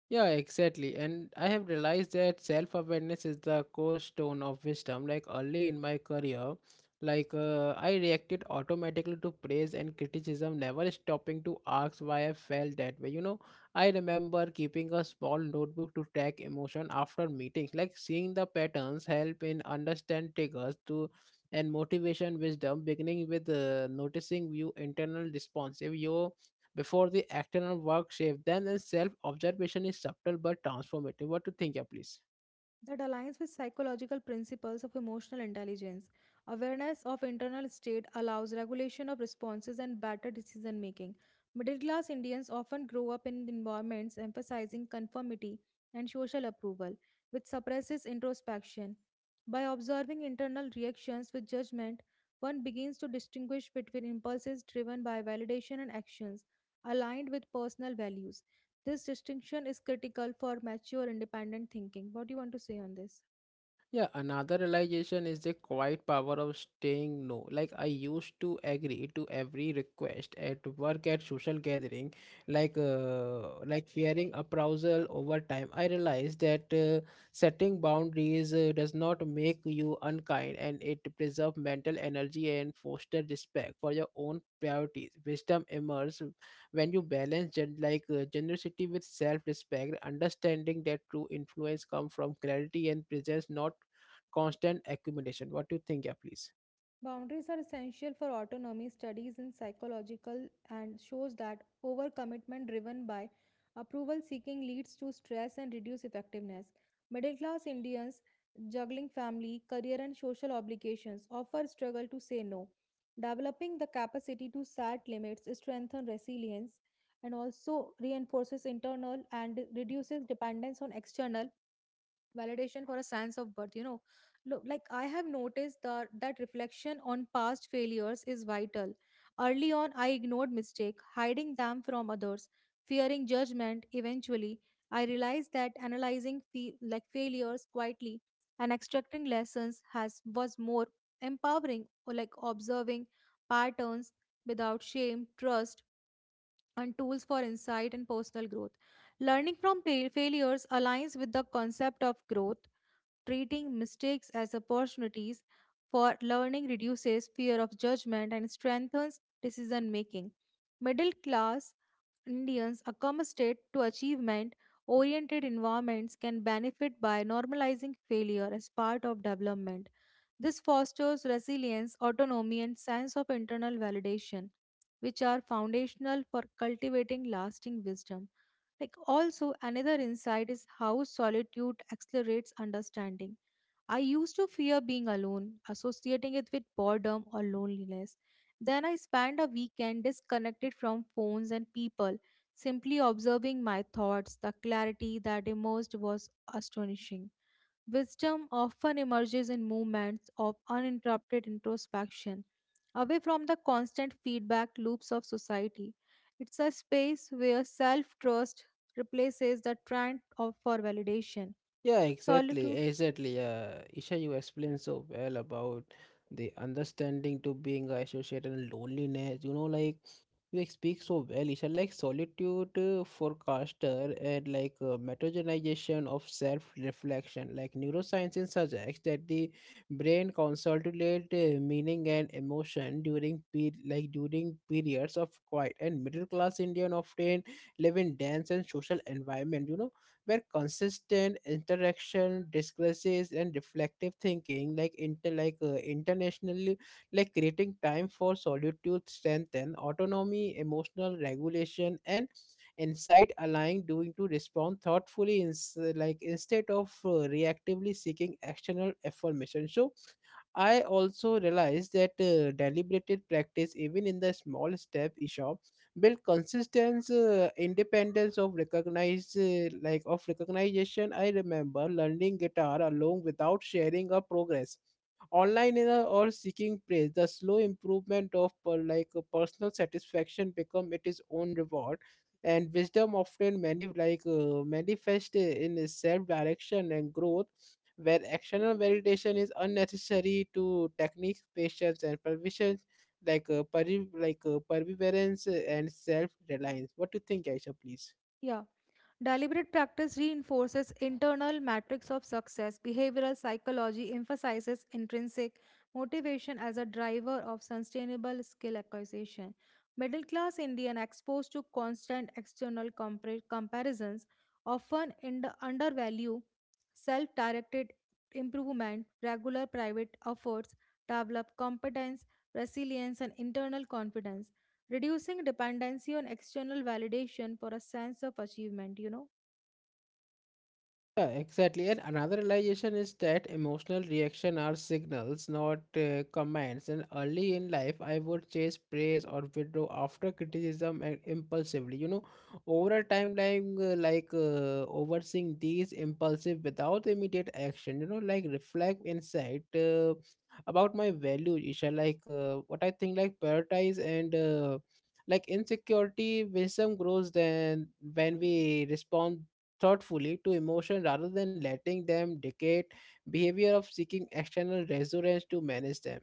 Speaker 1: Yeah, exactly. And I have realized that self awareness is the core stone of wisdom. Like early in my career, like uh, I reacted automatically to praise and criticism, never stopping to ask why I felt that way. You know, I remember keeping a small notebook to track emotion after meetings. Like seeing the patterns help in understand triggers to and motivation wisdom beginning with uh, noticing your internal response. If you before the external work shape. Then the self observation is subtle but transformative. What to think, yeah, please?
Speaker 2: That aligns with psychological principles of emotional intelligence. Awareness of internal state allows regulation of responses and better decision making. Middle class Indians often grow up in environments emphasizing conformity and social approval, which suppresses introspection. By observing internal reactions with judgment, one begins to distinguish between impulses driven by validation and actions aligned with personal values. This distinction is critical for mature independent thinking. What do you want to say on this?
Speaker 1: Yeah, another realization is the quiet power of staying no. Like I used to agree to every request at work at social gathering, like uh, like fearing appraisal over time. I realized that uh, setting boundaries uh, does not make you unkind, and it preserves mental energy and foster respect for your own priorities. Wisdom emerges when you balance gen- like uh, generosity with self-respect understanding that true influence comes from clarity and presence not constant accumulation. What do you think, yeah, please?
Speaker 2: Boundaries are essential for autonomy studies in psychological and shows that overcommitment driven by approval seeking leads to stress and reduced effectiveness. Middle class Indians juggling family, career and social obligations often struggle to say no. Developing the capacity to set limits strengthens resilience and also reinforces internal and reduces dependence on external validation for a sense of worth, you know. Look, like I have noticed that that reflection on past failures is vital. Early on I ignored mistake hiding them from others fearing judgment. Eventually, I realized that analyzing fe- like failures quietly and extracting lessons has was more empowering, or like observing patterns without shame trust and tools for insight and personal growth. Learning from fail- failures aligns with the concept of growth. Treating mistakes as opportunities for learning reduces fear of judgment and strengthens decision making. Middle class Indians accustomed to achievement oriented environments can benefit by normalizing failure as part of development. This fosters resilience, autonomy, and sense of internal validation, which are foundational for cultivating lasting wisdom. Like, also, another insight is how solitude accelerates understanding. I used to fear being alone, associating it with boredom or loneliness. Then I spent a weekend disconnected from phones and people, simply observing my thoughts. The clarity that emerged was astonishing. Wisdom often emerges in moments of uninterrupted introspection, away from the constant feedback loops of society. It's a space where self trust replaces the trend of, for validation.
Speaker 1: Yeah, exactly,
Speaker 2: Solitude,
Speaker 1: exactly. Yeah, Isha, you explained so well about the understanding to being associated and loneliness. You know, like you speak so well, Isha, like solitude uh, forecaster and like uh, metagenization of self-reflection. Like neuroscience suggests that the brain consolidates uh, meaning and emotion during pe- like during periods of quiet. And middle-class Indian often live in dense and social environment, you know, where consistent interaction, discourses, and reflective thinking, like inter like uh, international like creating time for solitude strength, and autonomy emotional regulation and insight allowing doing to respond thoughtfully ins- like instead of uh, reactively seeking external affirmation. So I also realized that uh, deliberated practice, even in the small step, Ishop, build consistent uh, independence of recognize uh, like of recognition. I remember learning guitar alone without sharing a progress online is a- all seeking praise the slow improvement of per, like uh, personal satisfaction become it is own reward and wisdom often many like uh, manifest in a self direction and growth where external validation is unnecessary to techniques patience and pervision like uh, peri- like uh, perseverance and self reliance. What do you think, Aisha, please?
Speaker 2: yeah. Deliberate practice reinforces internal metrics of success. Behavioral psychology emphasizes intrinsic motivation as a driver of sustainable skill acquisition. Middle class Indian exposed to constant external compar- comparisons often ind- undervalue self directed improvement, regular private efforts, develop competence, resilience, and internal confidence reducing dependency on external validation for a sense of achievement, you know.
Speaker 1: Yeah, exactly. And another realization is that emotional reaction are signals, not uh, commands. And early in life, I would chase praise or withdraw after criticism and impulsively. You know, over time, like, uh, like uh, overseeing these impulsive without immediate action. You know, like reflect insight uh, about my value, Isha. Like uh, what I think, like prioritize and. Uh, like insecurity wisdom grows then when we respond thoughtfully to emotion rather than letting them dictate behavior of seeking external reassurance to manage them.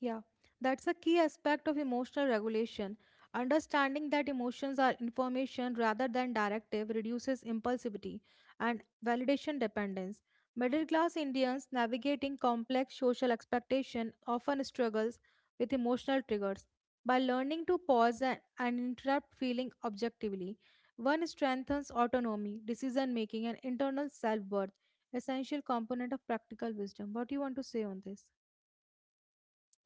Speaker 2: Yeah, that's a key aspect of emotional regulation. Understanding that emotions are information rather than directive reduces impulsivity and validation dependence. Middle class Indians navigating complex social expectation often struggles with emotional triggers. By learning to pause and, and interrupt feeling objectively, one strengthens autonomy, decision making, and internal self worth, essential component of practical wisdom. What do you want to say on this?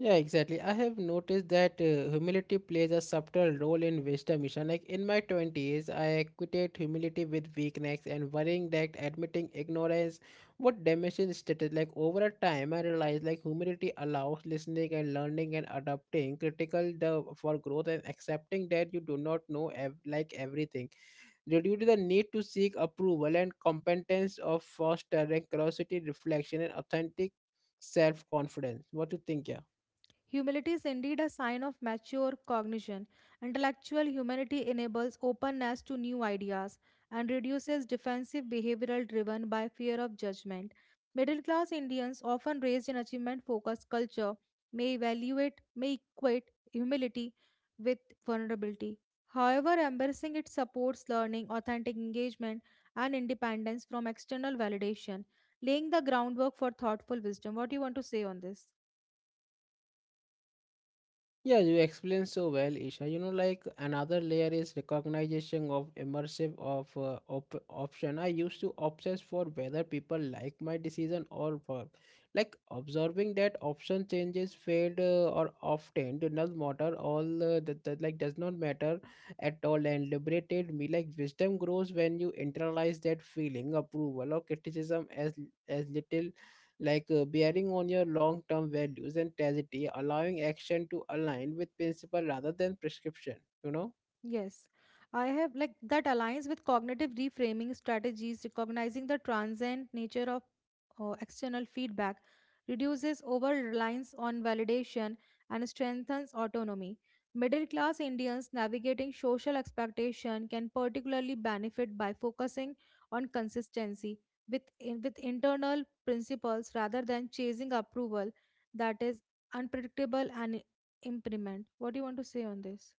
Speaker 1: Yeah, exactly. I have noticed that uh, humility plays a subtle role in wisdom, Ishan. Like in my twenties, I equated humility with weakness and worrying that admitting ignorance would damage its status. Like over a time, I realized like humility allows listening and learning and adopting critical the for growth and accepting that you do not know ev- like everything due to the need to seek approval and competence of fostering curiosity, reflection, and authentic self-confidence. What do you think, yeah?
Speaker 2: Humility is indeed a sign of mature cognition. Intellectual humanity enables openness to new ideas and reduces defensive behavioral driven by fear of judgment. Middle class Indians, often raised in achievement focused culture, may evaluate, may equate humility with vulnerability. However, embracing it supports learning, authentic engagement, and independence from external validation, laying the groundwork for thoughtful wisdom. What do you want to say on this?
Speaker 1: Yeah, you explained so well, Isha. You know, like another layer is recognition of immersive of uh, op- option. I used to obsess for whether people like my decision or work. Like observing that option changes fade uh, or often do not matter all uh, that, that like does not matter at all and liberated me. Like wisdom grows when you internalize that feeling, approval or criticism as as little like uh, bearing on your long term values and tragedy, allowing action to align with principle rather than prescription, you know.
Speaker 2: Yes, I have like that aligns with cognitive reframing strategies, recognizing the transient nature of uh, external feedback, reduces over reliance on validation, and strengthens autonomy. Middle class Indians navigating social expectation can particularly benefit by focusing on consistency with, in, with internal principles rather than chasing approval that is unpredictable and impermanent. What do you want to say on this?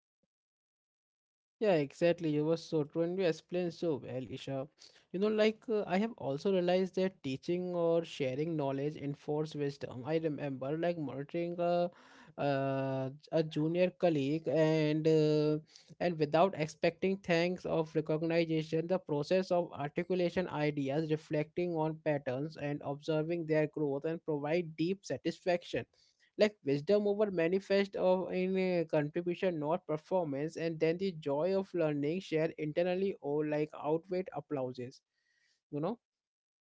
Speaker 1: Yeah, exactly. You were so true, and you explained so well, Isha. You know, like uh, I have also realized that teaching or sharing knowledge enforce wisdom. I remember like monitoring a uh, a junior colleague and uh, and without expecting thanks of recognition, the process of articulation ideas, reflecting on patterns, and observing their growth and provide deep satisfaction like wisdom over manifest of in uh, contribution not performance and then the joy of learning share internally or like outweigh applauses, you know.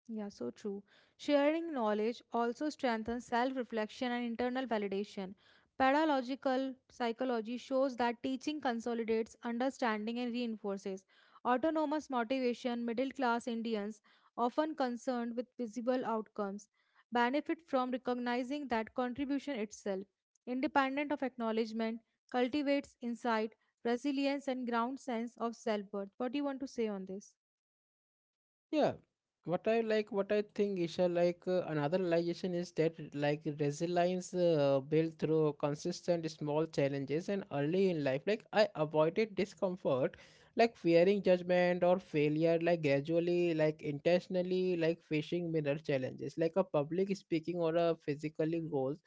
Speaker 2: Yeah, so true. Sharing knowledge also strengthens self reflection and internal validation. Pedagogical psychology shows that teaching consolidates understanding and reinforces. Autonomous motivation, middle class Indians often concerned with visible outcomes, benefit from recognizing that contribution itself, independent of acknowledgement, cultivates insight, resilience, and ground sense of self worth. What do you want to say on this?
Speaker 1: Yeah, what I like, what I think, Isha, like uh, another realization is that like resilience uh, built through consistent small challenges and early in life. Like I avoided discomfort, like fearing judgment or failure, like gradually, like intentionally, like facing mirror challenges, like a public speaking or a physically goals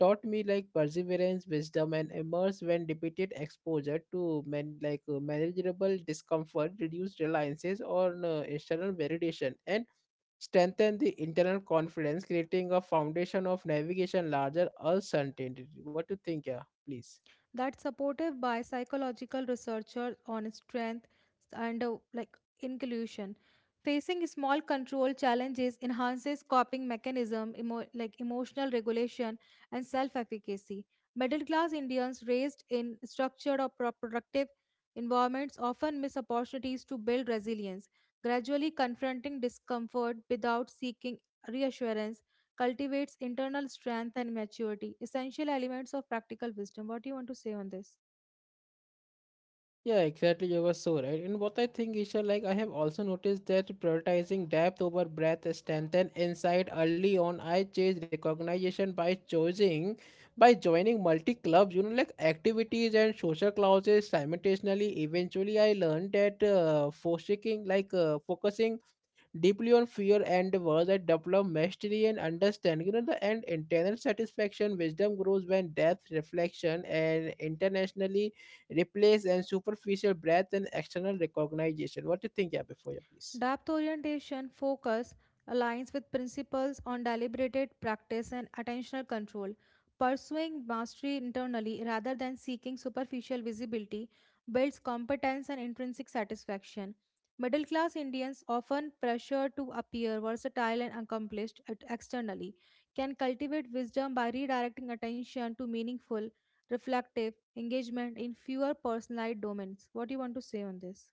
Speaker 1: taught me like perseverance, wisdom, and immerse when repeated exposure to man like uh, manageable discomfort, reduce reliances on uh, external validation, and strengthen the internal confidence, creating a foundation of navigation larger uncertainty. What do you think, yeah? Please.
Speaker 2: That's supported by psychological researchers on strength and uh, like inclusion facing small control challenges enhances coping mechanism emo- like emotional regulation and self efficacy. Middle class Indians raised in structured or pro- productive environments often miss opportunities to build resilience gradually confronting discomfort without seeking reassurance cultivates internal strength and maturity, essential elements of practical wisdom. What do you want to say on this?
Speaker 1: Yeah, exactly. You were so right. And what I think, Isha, like I have also noticed that prioritizing depth over breadth, strength, and insight early on, I chase recognition by choosing, by joining multi clubs, you know, like activities and social classes simultaneously. Eventually, I learned that uh, focusing, like uh, focusing deeply on fear and endeavors and develop mastery and understanding. You know, the end internal satisfaction, wisdom grows when depth, reflection, and internationally replace and superficial breadth and external recognition. What do you think, yeah, before you please?
Speaker 2: Depth orientation focus aligns with principles on deliberated practice and attentional control. Pursuing mastery internally rather than seeking superficial visibility builds competence and intrinsic satisfaction. Middle class Indians, often pressured to appear versatile and accomplished at- externally, can cultivate wisdom by redirecting attention to meaningful, reflective engagement in fewer personalized domains. What do you want to say on this?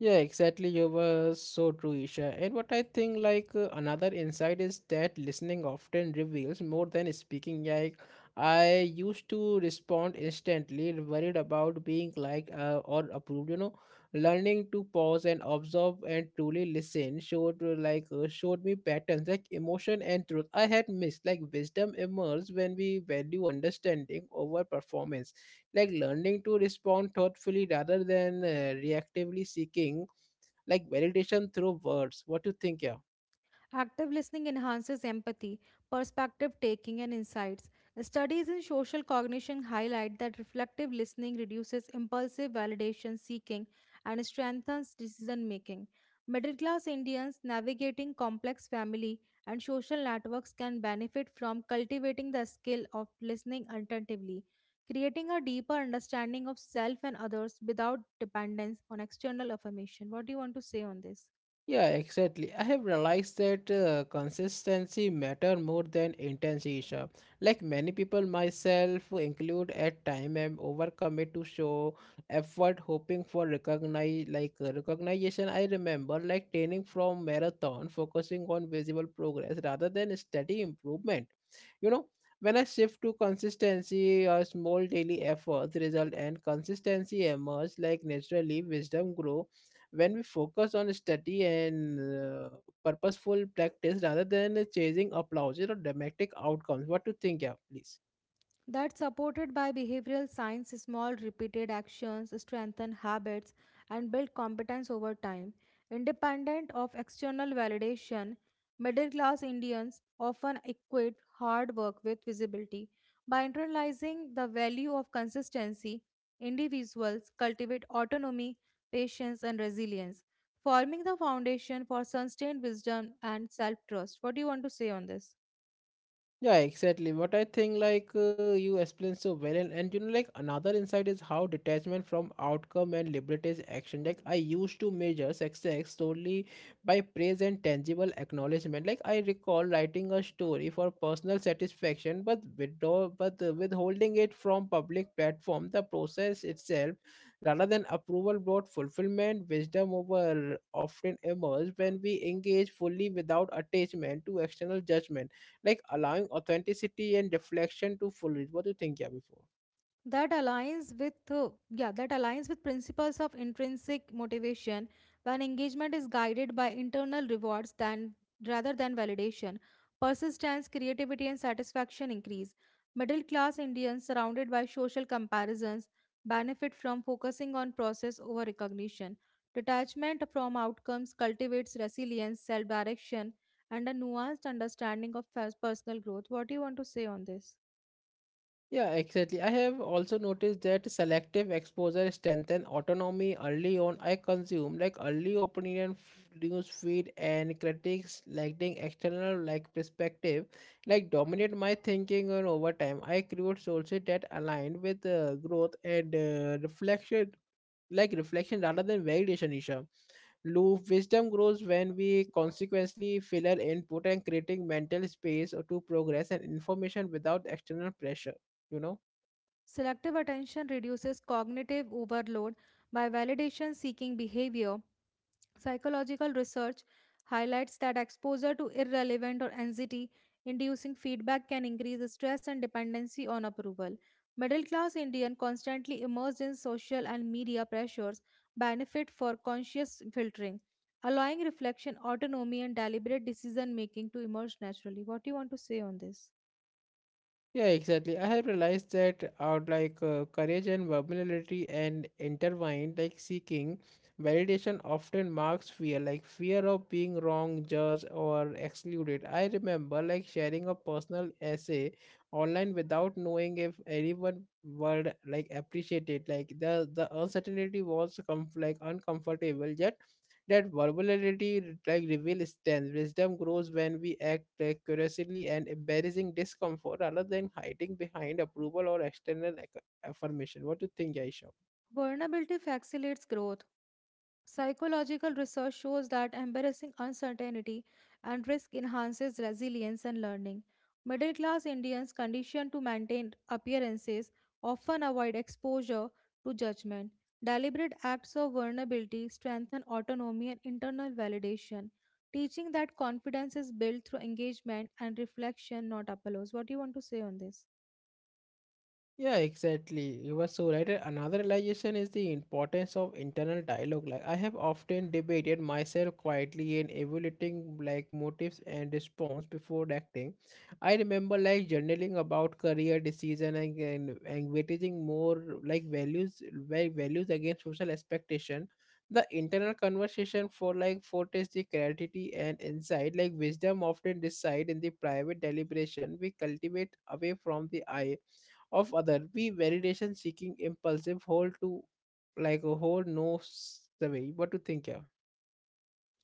Speaker 1: Yeah, exactly. You were so true, Isha. And what I think, like uh, another insight is that listening often reveals more than speaking. Like I used to respond instantly, worried about being like uh, or approved. You know, learning to pause and observe and truly listen showed uh, like uh, showed me patterns like emotion and truth I had missed. Like wisdom emerges when we value understanding over performance like learning to respond thoughtfully rather than uh, reactively seeking like validation through words. What do you think, yeah?
Speaker 2: Active listening enhances empathy, perspective taking, and insights. Studies in social cognition highlight that reflective listening reduces impulsive validation seeking and strengthens decision making. Middle class Indians navigating complex family and social networks can benefit from cultivating the skill of listening attentively, creating a deeper understanding of self and others without dependence on external affirmation. What do you want to say on this?
Speaker 1: Yeah, exactly. I have realized that uh, consistency matter more than intensity. Isha. Like many people, myself include, at time I'm overcommit to show effort, hoping for recognize like uh, recognition. I remember like training from marathon, focusing on visible progress rather than steady improvement. You know, when I shift to consistency, a small daily efforts result and consistency emerge like naturally wisdom grow when we focus on study and uh, purposeful practice rather than chasing applause or dramatic outcomes. What do you think, yeah, please?
Speaker 2: That's supported by behavioral science, small repeated actions strengthen habits and build competence over time. Independent of external validation, middle class Indians often equate hard work with visibility. By internalizing the value of consistency, individuals cultivate autonomy, patience, and resilience, forming the foundation for sustained wisdom and self trust. What do you want to say on this?
Speaker 1: Yeah, exactly. What I think, like uh, you explained so well, and, and you know, like another insight is how detachment from outcome and liberates action. Like I used to measure success solely by praise and tangible acknowledgement. Like I recall writing a story for personal satisfaction, but withdraw, but uh, withholding it from public platform. The process itself, rather than approval, brought fulfillment. Wisdom over often emerge when we engage fully without attachment to external judgment like allowing authenticity and reflection to full it. What do you think, yeah, before?
Speaker 2: That aligns with uh, yeah that aligns with principles of intrinsic motivation when engagement is guided by internal rewards than rather than validation, persistence, creativity, and satisfaction increase. Middle class Indians surrounded by social comparisons benefit from focusing on process over recognition. Detachment from outcomes cultivates resilience, self direction, and a nuanced understanding of pers- personal growth. What do you want to say on this?
Speaker 1: Yeah, exactly. I have also noticed that selective exposure strengthen autonomy early on. I consume like early opinion f- news feed and critics lacking external like perspective, like dominate my thinking and over time I create sources that aligned with uh, growth and uh, reflection, like reflection rather than validation, Isha. Loop. Wisdom grows when we consequently fill our input and creating mental space to progress and information without external pressure, you know.
Speaker 2: Selective attention reduces cognitive overload by validation seeking behavior. Psychological research highlights that exposure to irrelevant or anxiety inducing feedback can increase stress and dependency on approval. Middle class Indian constantly immersed in social and media pressures benefit for conscious filtering, allowing reflection, autonomy, and deliberate decision making to emerge naturally. What do you want to say on this?
Speaker 1: Yeah, exactly. I have realized that out like uh, courage and vulnerability and intertwined, like seeking validation often marks fear, like fear of being wrong, judged, or excluded. I remember like sharing a personal essay online without knowing if anyone would like appreciate it. Like the the uncertainty was com- like uncomfortable, yet that vulnerability like reveals strength. Wisdom grows when we act like curiously and embarrassing discomfort rather than hiding behind approval or external ac- affirmation. What do you think, Aisha?
Speaker 2: Vulnerability facilitates growth. Psychological research shows that embarrassing uncertainty and risk enhances resilience and learning. Middle class Indians conditioned to maintain appearances often avoid exposure to judgment. Deliberate acts of vulnerability strengthen autonomy and internal validation, teaching that confidence is built through engagement and reflection, not applause. What do you want to say on this?
Speaker 1: Yeah, exactly. You were so right. And another realization is the importance of internal dialogue. Like I have often debated myself quietly in evaluating like motives and response before acting. I remember like journaling about career decision and, and, and weighting more like values va- values against social expectation. The internal conversation for like fortes the clarity and insight, like wisdom often decide in the private deliberation we cultivate away from the eye of other. We validation seeking impulsive hold to like a hold knows the way. What to think, yeah?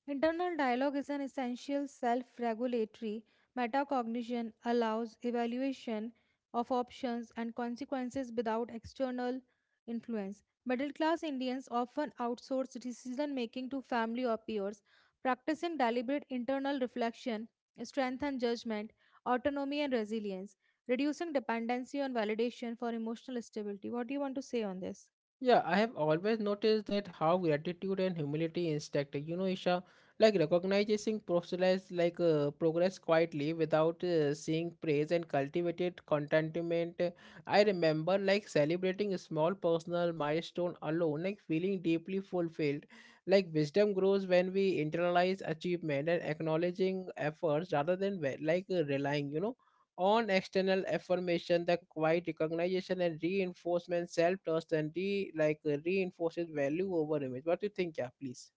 Speaker 2: Internal dialogue is an essential self regulatory metacognition, allows evaluation of options and consequences without external influence. Middle class Indians often outsource decision making to family or peers. Practicing deliberate internal reflection strengthens judgment, autonomy, and resilience, reducing dependency on validation for emotional stability. What do you want to say on this?
Speaker 1: Yeah, I have always noticed that how gratitude and humility instruct. You know, Isha, like recognizing process like uh, progress quietly without uh, seeing praise and cultivated contentment. I remember like celebrating a small personal milestone alone, like feeling deeply fulfilled. Like wisdom grows when we internalize achievement and acknowledging efforts rather than ve- like uh, relying. You know on external affirmation the quiet recognition and reinforcement self-trust and re like uh, reinforces value over image. What do you think, yeah, please?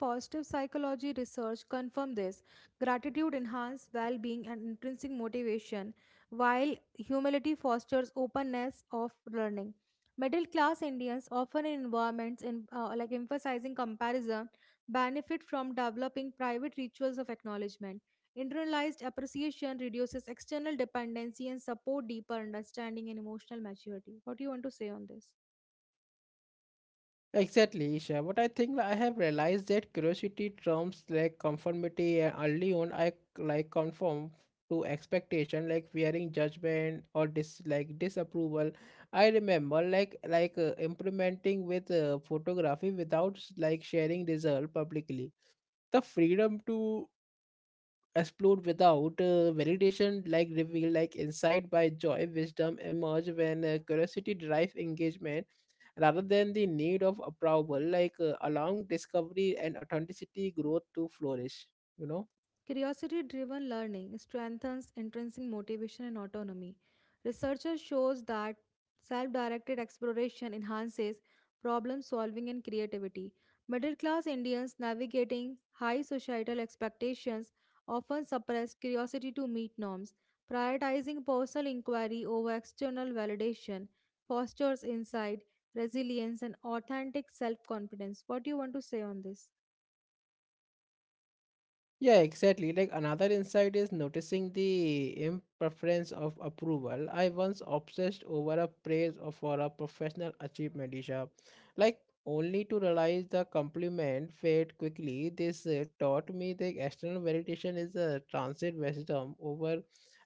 Speaker 2: Positive psychology research confirms this. Gratitude enhances well being and intrinsic motivation, while humility fosters openness of learning. Middle class Indians, often in environments in, uh, like emphasizing comparison, benefit from developing private rituals of acknowledgement. Internalized appreciation reduces external dependency and support deeper understanding and emotional maturity. What do you want to say on this?
Speaker 1: Exactly, Isha. What I think, like, I have realized that curiosity trumps like conformity and early on I like conform to expectation like fearing judgment or dis like disapproval. I remember like like uh, implementing with uh, photography without like sharing result publicly the freedom to explored without uh, validation like reveal like insight by joy wisdom emerge when uh, curiosity drives engagement rather than the need of approval like uh, allowing discovery and authenticity growth to flourish, you know.
Speaker 2: Curiosity driven learning strengthens intrinsic motivation and autonomy. Researchers shows that self directed exploration enhances problem solving and creativity. Middle class Indians navigating high societal expectations often suppress curiosity to meet norms. Prioritizing personal inquiry over external validation fosters insight, resilience, and authentic self confidence. What do you want to say on this?
Speaker 1: Yeah, exactly. Like another insight is noticing the imperfections of approval. I once obsessed over a praise of- for a professional achievement, Isha. Like only to realize the compliment fade quickly. This uh, taught me that external validation is a transit wisdom over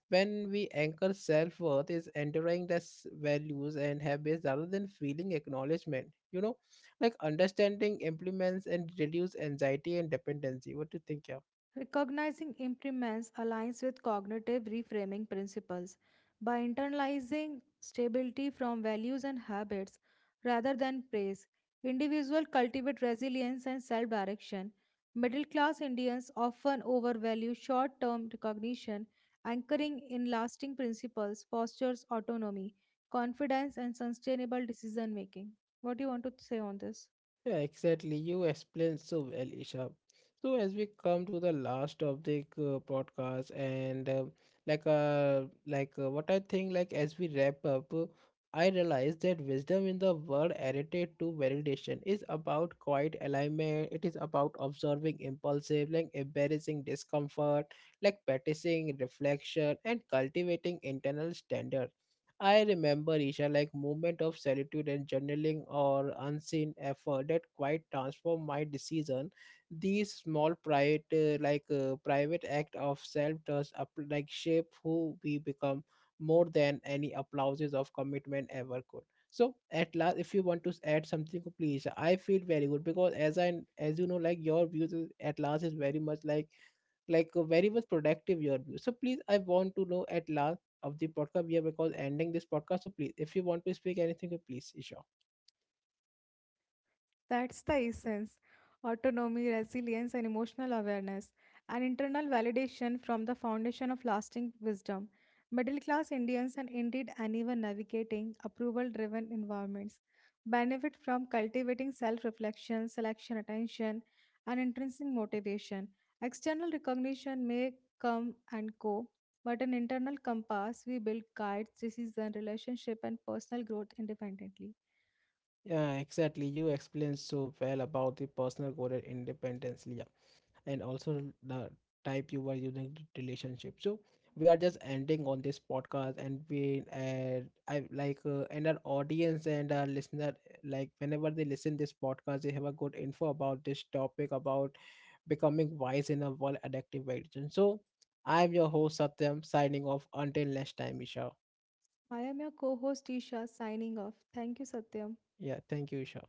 Speaker 1: when we anchor self worth is enduring the s- values and habits rather than feeling acknowledgement. You know, like understanding implements and reduce anxiety and dependency. What do you think, yeah?
Speaker 2: Recognizing impermanence aligns with cognitive reframing principles. By internalizing stability from values and habits rather than praise, individuals cultivate resilience and self direction. Middle class Indians often overvalue short term recognition, anchoring in lasting principles fosters autonomy, confidence, and sustainable decision making. What do you want to say on this?
Speaker 1: Yeah, exactly. You explained so well, Isha. So as we come to the last of the uh, podcast, and uh, like uh, like uh, what I think, like as we wrap up, uh, I realized that wisdom in the word edited to validation is about quiet alignment. It is about observing impulsive, like embarrassing discomfort, like practicing reflection, and cultivating internal standards. I remember Isha like moment of solitude and journaling or unseen effort that quite transformed my decision. These small private uh, like uh, private act of self trust up like shape who we become more than any applauses of commitment ever could. So at last, if you want to add something, please. I feel very good because as I as you know, like your views is- at last is very much like like uh, very much productive your view. So please, I want to know at last of the podcast we are because ending this podcast. So please, if you want to speak anything, uh, please, Isha.
Speaker 2: That's the essence, autonomy, resilience, and emotional awareness, and internal validation from the foundation of lasting wisdom. Middle class Indians and indeed anyone navigating approval driven environments benefit from cultivating self reflection, selection attention, and intrinsic motivation. External recognition may come and go, but an internal compass we build guides decision, relationship, and personal growth independently.
Speaker 1: Yeah, exactly. You explained so well about the personal goal and independence, Leah, and also the type you were using to relationship. So we are just ending on this podcast, and we uh, I like uh, and our audience and our listener like whenever they listen this podcast, they have a good info about this topic about becoming wise in a world addictive addiction. So I'm your host Satyam signing off until next time, Isha.
Speaker 2: I am your co host Isha signing off. Thank you, Satyam.
Speaker 1: Yeah, thank you, Isha.